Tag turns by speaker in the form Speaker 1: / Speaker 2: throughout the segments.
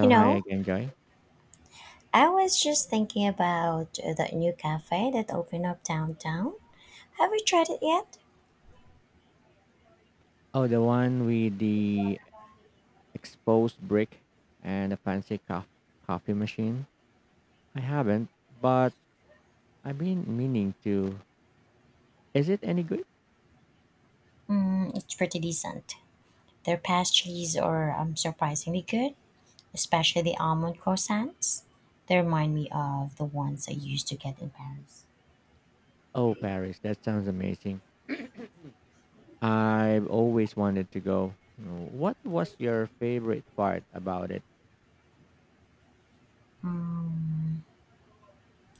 Speaker 1: You
Speaker 2: hi
Speaker 1: know,
Speaker 2: again, Joy.
Speaker 1: I was just thinking about the new cafe that opened up downtown. Have you tried it yet?
Speaker 2: Oh, the one with the exposed brick and the fancy coffee machine. I haven't, but I've been meaning to. Is it any good?
Speaker 1: Mm, it's pretty decent. Their pastries are surprisingly good, especially the almond croissants. They remind me of the ones I used to get in Paris.
Speaker 2: Oh, Paris, that sounds amazing. I've always wanted to go. What was your favorite part about it?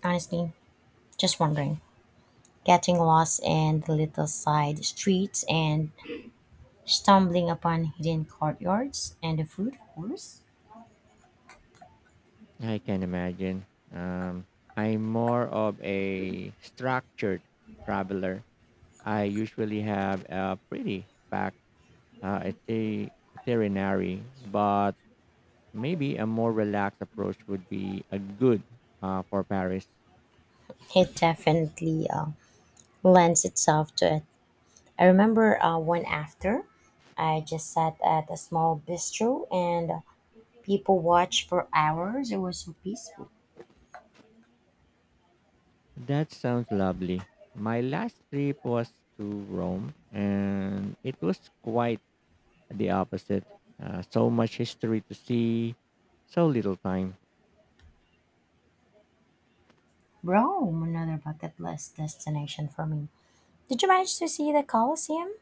Speaker 1: Honestly, just wondering, getting lost in the little side streets and stumbling upon hidden courtyards and the food, of course.
Speaker 2: I can imagine. Um, I'm more of a structured traveler. I usually have a pretty packed itinerary, but maybe a more relaxed approach would be a good for Paris.
Speaker 1: It definitely lends itself to a I remember one after. I just sat at a small bistro and people watched for hours. It was so peaceful.
Speaker 2: That sounds lovely. My last trip was to Rome, and it was quite the opposite. So much history to see, so little time.
Speaker 1: Rome, another bucket list destination for me. Did you manage to see the Colosseum?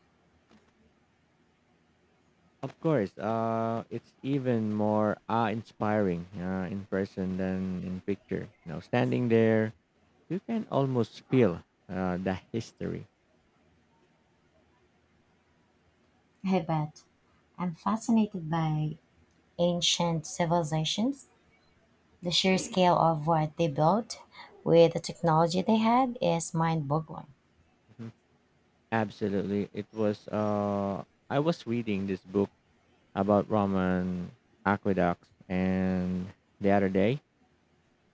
Speaker 2: Of course, it's even more awe inspiring in person than in picture. You know, standing there, you can almost feel the history.
Speaker 1: I bet. I'm fascinated by ancient civilizations. The sheer scale of what they built with the technology they had is mind boggling.
Speaker 2: Absolutely. It was I was reading this book about Roman aqueducts and the other day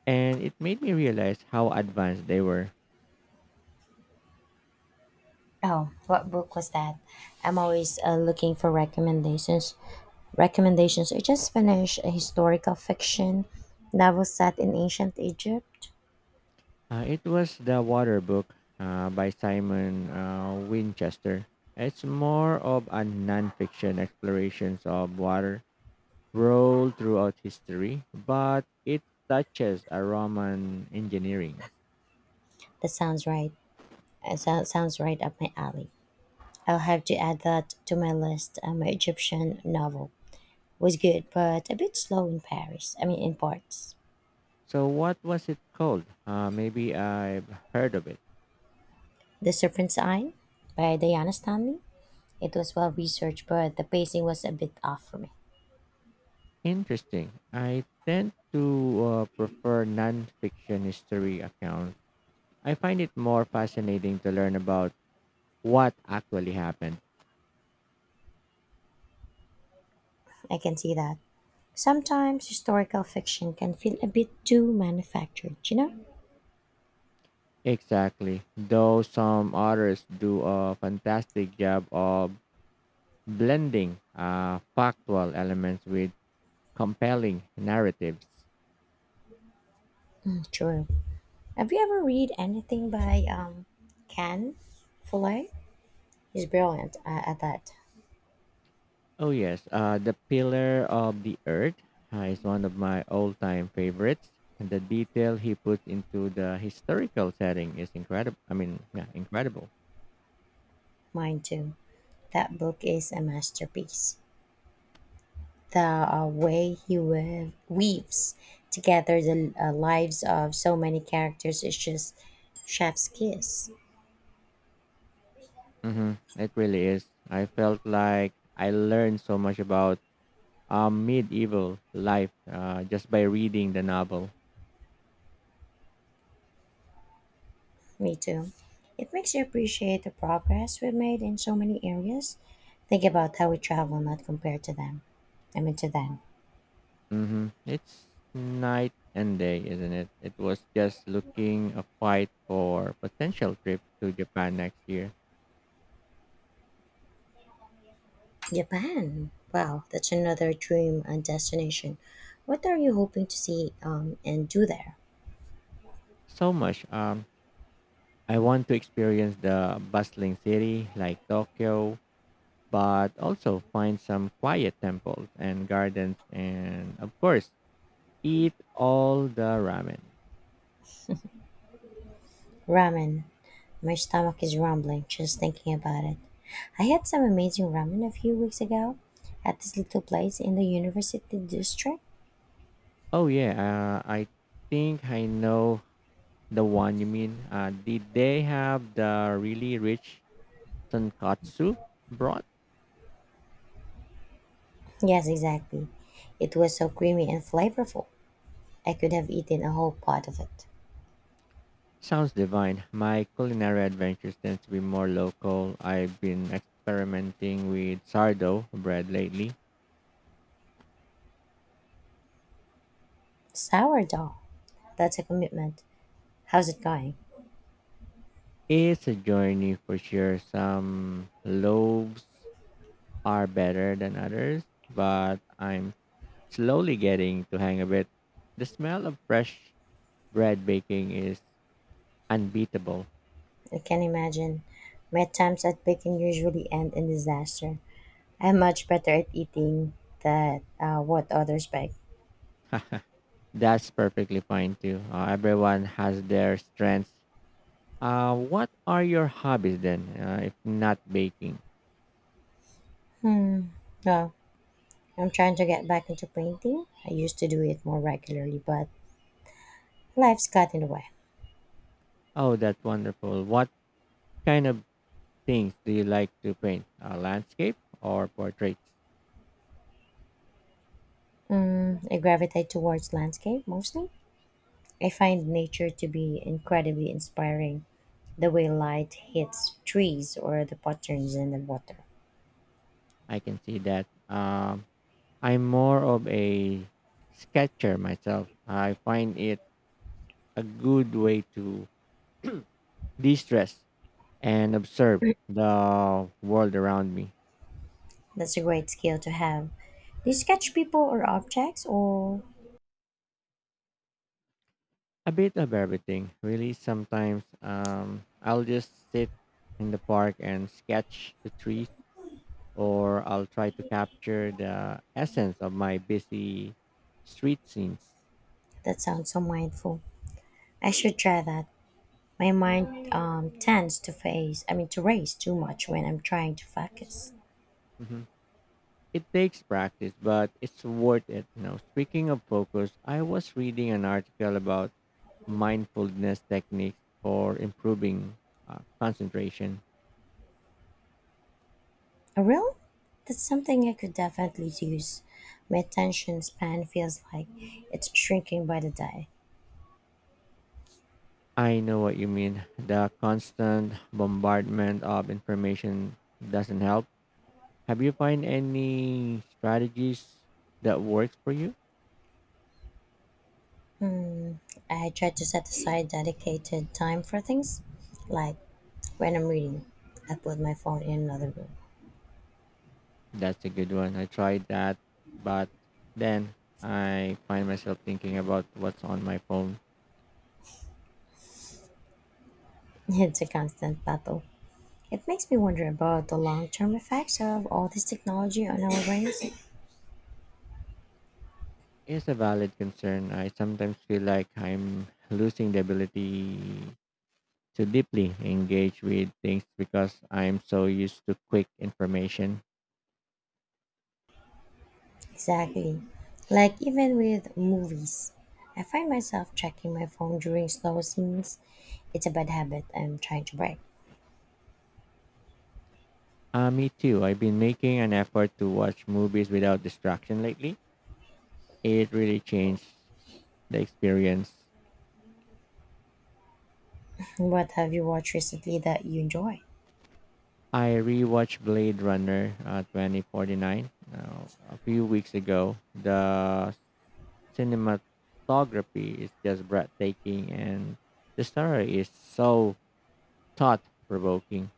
Speaker 2: and it made me realize how advanced they were.
Speaker 1: Oh, what book was that? I'm always looking for recommendations. Recommendations I just finished a historical fiction novel set in ancient Egypt.
Speaker 2: It was the water book by Simon Winchester. It's more of a nonfiction explorations of water rolled throughout history, but it touches a Roman engineering.
Speaker 1: That sounds right. Sounds right up my alley. I'll have to add that to my list. My Egyptian novel was good, but a bit slow in Paris. I mean, in parts.
Speaker 2: So what was it called? Maybe I've heard of it.
Speaker 1: The Serpent's Eye by Diana Stanley. It was well researched, but the pacing was a bit off for me.
Speaker 2: Interesting. I tend to prefer nonfiction history accounts. I find it more fascinating to learn about what actually happened.
Speaker 1: I can see that. Sometimes historical fiction can feel a bit too manufactured, you know?
Speaker 2: Exactly. Though some authors do a fantastic job of blending factual elements with compelling narratives.
Speaker 1: Mm, true. Have you ever read anything by Ken Follett? He's brilliant at that.
Speaker 2: Oh yes, the Pillar of the Earth is one of my all-time favorites. And the detail he puts into the historical setting is incredible. I mean, yeah, incredible.
Speaker 1: Mine too. That book is a masterpiece. The way he weaves together the lives of so many characters is just chef's kiss.
Speaker 2: It really is. I felt like I learned so much about medieval life just by reading the novel.
Speaker 1: Me too. It makes you appreciate the progress we've made in so many areas. Think about how we travel, not compared to them. I mean, to them.
Speaker 2: It's night and day, isn't it? It was just looking a fight for potential trip to Japan next year.
Speaker 1: Japan. Wow, that's another dream destination. What are you hoping to see and do there?
Speaker 2: So much. I want to experience the bustling city like Tokyo, but also find some quiet temples and gardens and, of course, eat all the ramen.
Speaker 1: Ramen. My stomach is rumbling just thinking about it. I had some amazing ramen a few weeks ago at this little place in the university district.
Speaker 2: Oh, yeah. I think I know the one you mean. Did they have the really rich tonkatsu broth?
Speaker 1: Yes, exactly. It was so creamy and flavorful. I could have eaten a whole pot of it.
Speaker 2: Sounds divine. My culinary adventures tend to be more local. I've been experimenting with sourdough bread lately.
Speaker 1: Sourdough. That's a commitment. How's it going?
Speaker 2: It's a journey for sure. Some loaves are better than others, but I'm slowly getting to hang of it. The smell of fresh bread baking is unbeatable.
Speaker 1: I can imagine. My attempts at baking usually end in disaster. I'm much better at eating that what others bake.
Speaker 2: That's perfectly fine too. Everyone has their strengths. What are your hobbies then, if not baking?
Speaker 1: No, I'm trying to get back into painting. I used to do it more regularly, but life's got in the way.
Speaker 2: Oh, that's wonderful. What kind of things do you like to paint? Landscape or portraits?
Speaker 1: I gravitate towards landscape mostly. I find nature to be incredibly inspiring, the way light hits trees or the patterns in the water.
Speaker 2: I can see that. I'm more of a sketcher myself. I find it a good way to de stress and observe the world around me.
Speaker 1: That's a great skill to have. Do you sketch people or objects? Or
Speaker 2: A bit of everything, really. Sometimes I'll just sit in the park and sketch the trees, or I'll try to capture the essence of my busy street scenes.
Speaker 1: that sounds so mindful. I should try that. My mind tends to I mean, to race too much when I'm trying to focus.
Speaker 2: Mhm. It takes practice, but it's worth it. You know, speaking of focus, I was reading an article about mindfulness techniques for improving concentration.
Speaker 1: Oh, really? That's something I could definitely use. My attention span feels like it's shrinking by the day.
Speaker 2: I know what you mean. The constant bombardment of information doesn't help. Have you find any strategies that works for you?
Speaker 1: I try to set aside dedicated time for things like when I'm reading, I put my phone in another room.
Speaker 2: That's a good one. I tried that, but then I find myself thinking about what's on my phone.
Speaker 1: It's a constant battle. It makes me wonder about the long term effects of all this technology on our brains.
Speaker 2: It's a valid concern. I sometimes feel like I'm losing the ability to deeply engage with things because I'm so used to quick information.
Speaker 1: Exactly. Like even with movies, I find myself checking my phone during slow scenes. It's a bad habit I'm trying to break.
Speaker 2: Me too. I've been making an effort to watch movies without distraction lately. It really changed the experience.
Speaker 1: What have you watched recently that you enjoy?
Speaker 2: I rewatched Blade Runner 2049 uh, a few weeks ago. The cinematography is just breathtaking and the story is so thought provoking.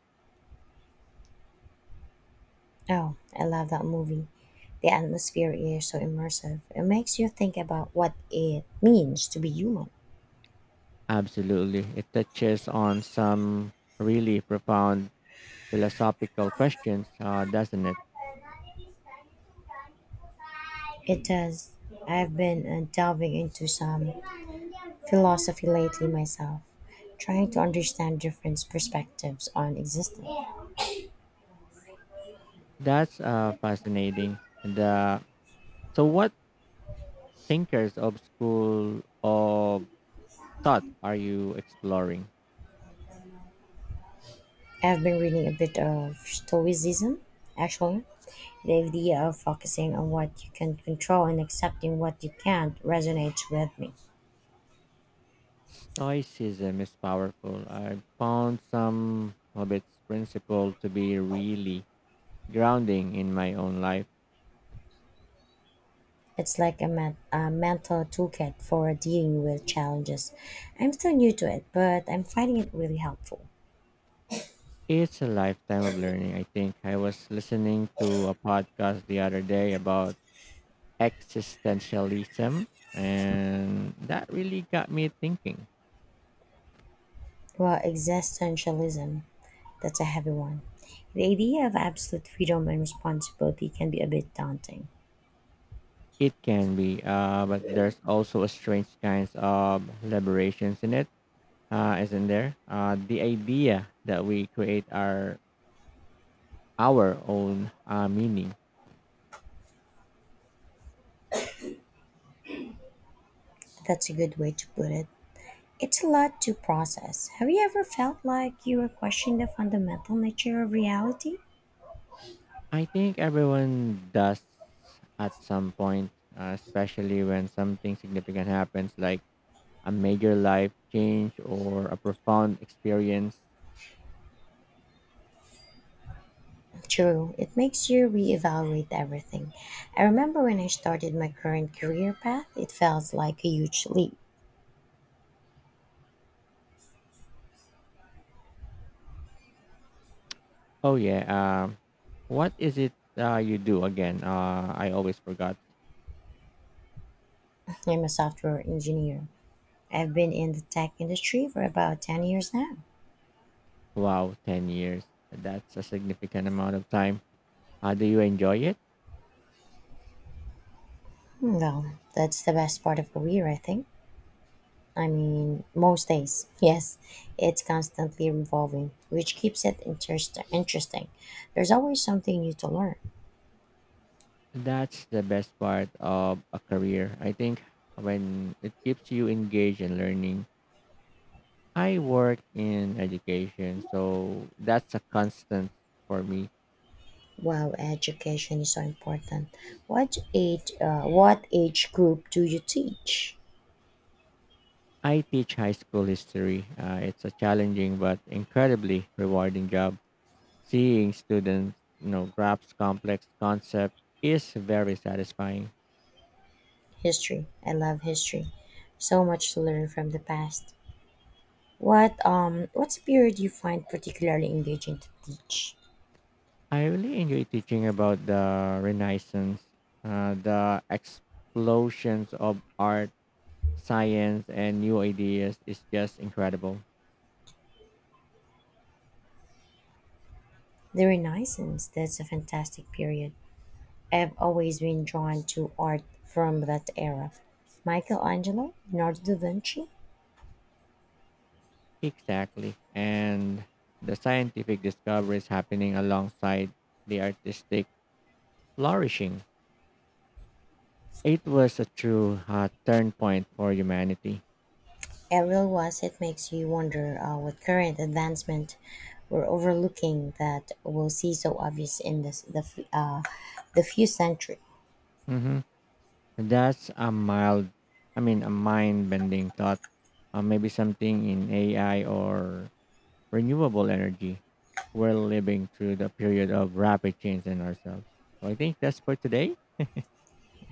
Speaker 1: Oh, I love that movie. The atmosphere is so immersive. It makes you think about what it means to be human.
Speaker 2: Absolutely. It touches on some really profound philosophical questions, doesn't it?
Speaker 1: It does. I've been delving into some philosophy lately myself, trying to understand different perspectives on existence.
Speaker 2: That's fascinating. And, uh, so, what thinkers of school of thought are you exploring?
Speaker 1: I've been reading a bit of Stoicism, actually. The idea of focusing on what you can control and accepting what you can't resonates with me.
Speaker 2: Stoicism is powerful. I found some of its principle to be really grounding in my own life.
Speaker 1: It's like a mental toolkit for dealing with challenges. I'm still new to it, but I'm finding it really helpful.
Speaker 2: It's a lifetime of learning, I think. I was listening to a podcast the other day about existentialism and that really got me thinking.
Speaker 1: Well, existentialism, that's a heavy one. The idea of absolute freedom and responsibility can be a bit daunting.
Speaker 2: It can be but there's also a strange kinds of liberations in it, isn't there? The idea that we create our own meaning.
Speaker 1: That's a good way to put it. It's a lot to process. Have you ever felt like you were questioning the fundamental nature of reality?
Speaker 2: I think everyone does at some point, especially when something significant happens, like a major life change or a profound experience.
Speaker 1: True, it makes you reevaluate everything. I remember when I started my current career path, it felt like a huge leap.
Speaker 2: Oh yeah. What is it you do again? I always forgot.
Speaker 1: I'm a software engineer. I've been in the tech industry for about 10 years now.
Speaker 2: Wow, 10 years. That's a significant amount of time. Do you enjoy it?
Speaker 1: Well, that's the best part of career, I think. I mean, most days, yes, it's constantly evolving, which keeps it interesting. There's always something new to learn.
Speaker 2: That's the best part of a career. I think when it keeps you engaged and learning. I work in education, so that's a constant for me.
Speaker 1: Wow, education is so important. What age group do you teach?
Speaker 2: I teach high school history. It's a challenging but incredibly rewarding job. Seeing students, you know, grasp complex concepts is very satisfying.
Speaker 1: History. I love history. So much to learn from the past. What period do you find particularly engaging to teach?
Speaker 2: I really enjoy teaching about the Renaissance, the explosions of art, science, and new ideas is just incredible.
Speaker 1: The Renaissance. That's a fantastic period. I've always been drawn to art from that era. Michelangelo, Leonardo da Vinci.
Speaker 2: Exactly, and the scientific discoveries happening alongside the artistic flourishing. It was a true turn point for humanity.
Speaker 1: It really was. It makes you wonder what current advancement we're overlooking that we'll see so obvious in the few centuries.
Speaker 2: Mhm. That's a mild, I mean, a mind bending thought. Maybe something in AI or renewable energy. We're living through the period of rapid change in ourselves. So I think that's for today.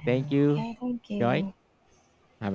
Speaker 2: Thank you,
Speaker 1: Okay, thank
Speaker 2: Joy.
Speaker 1: you.
Speaker 2: Have a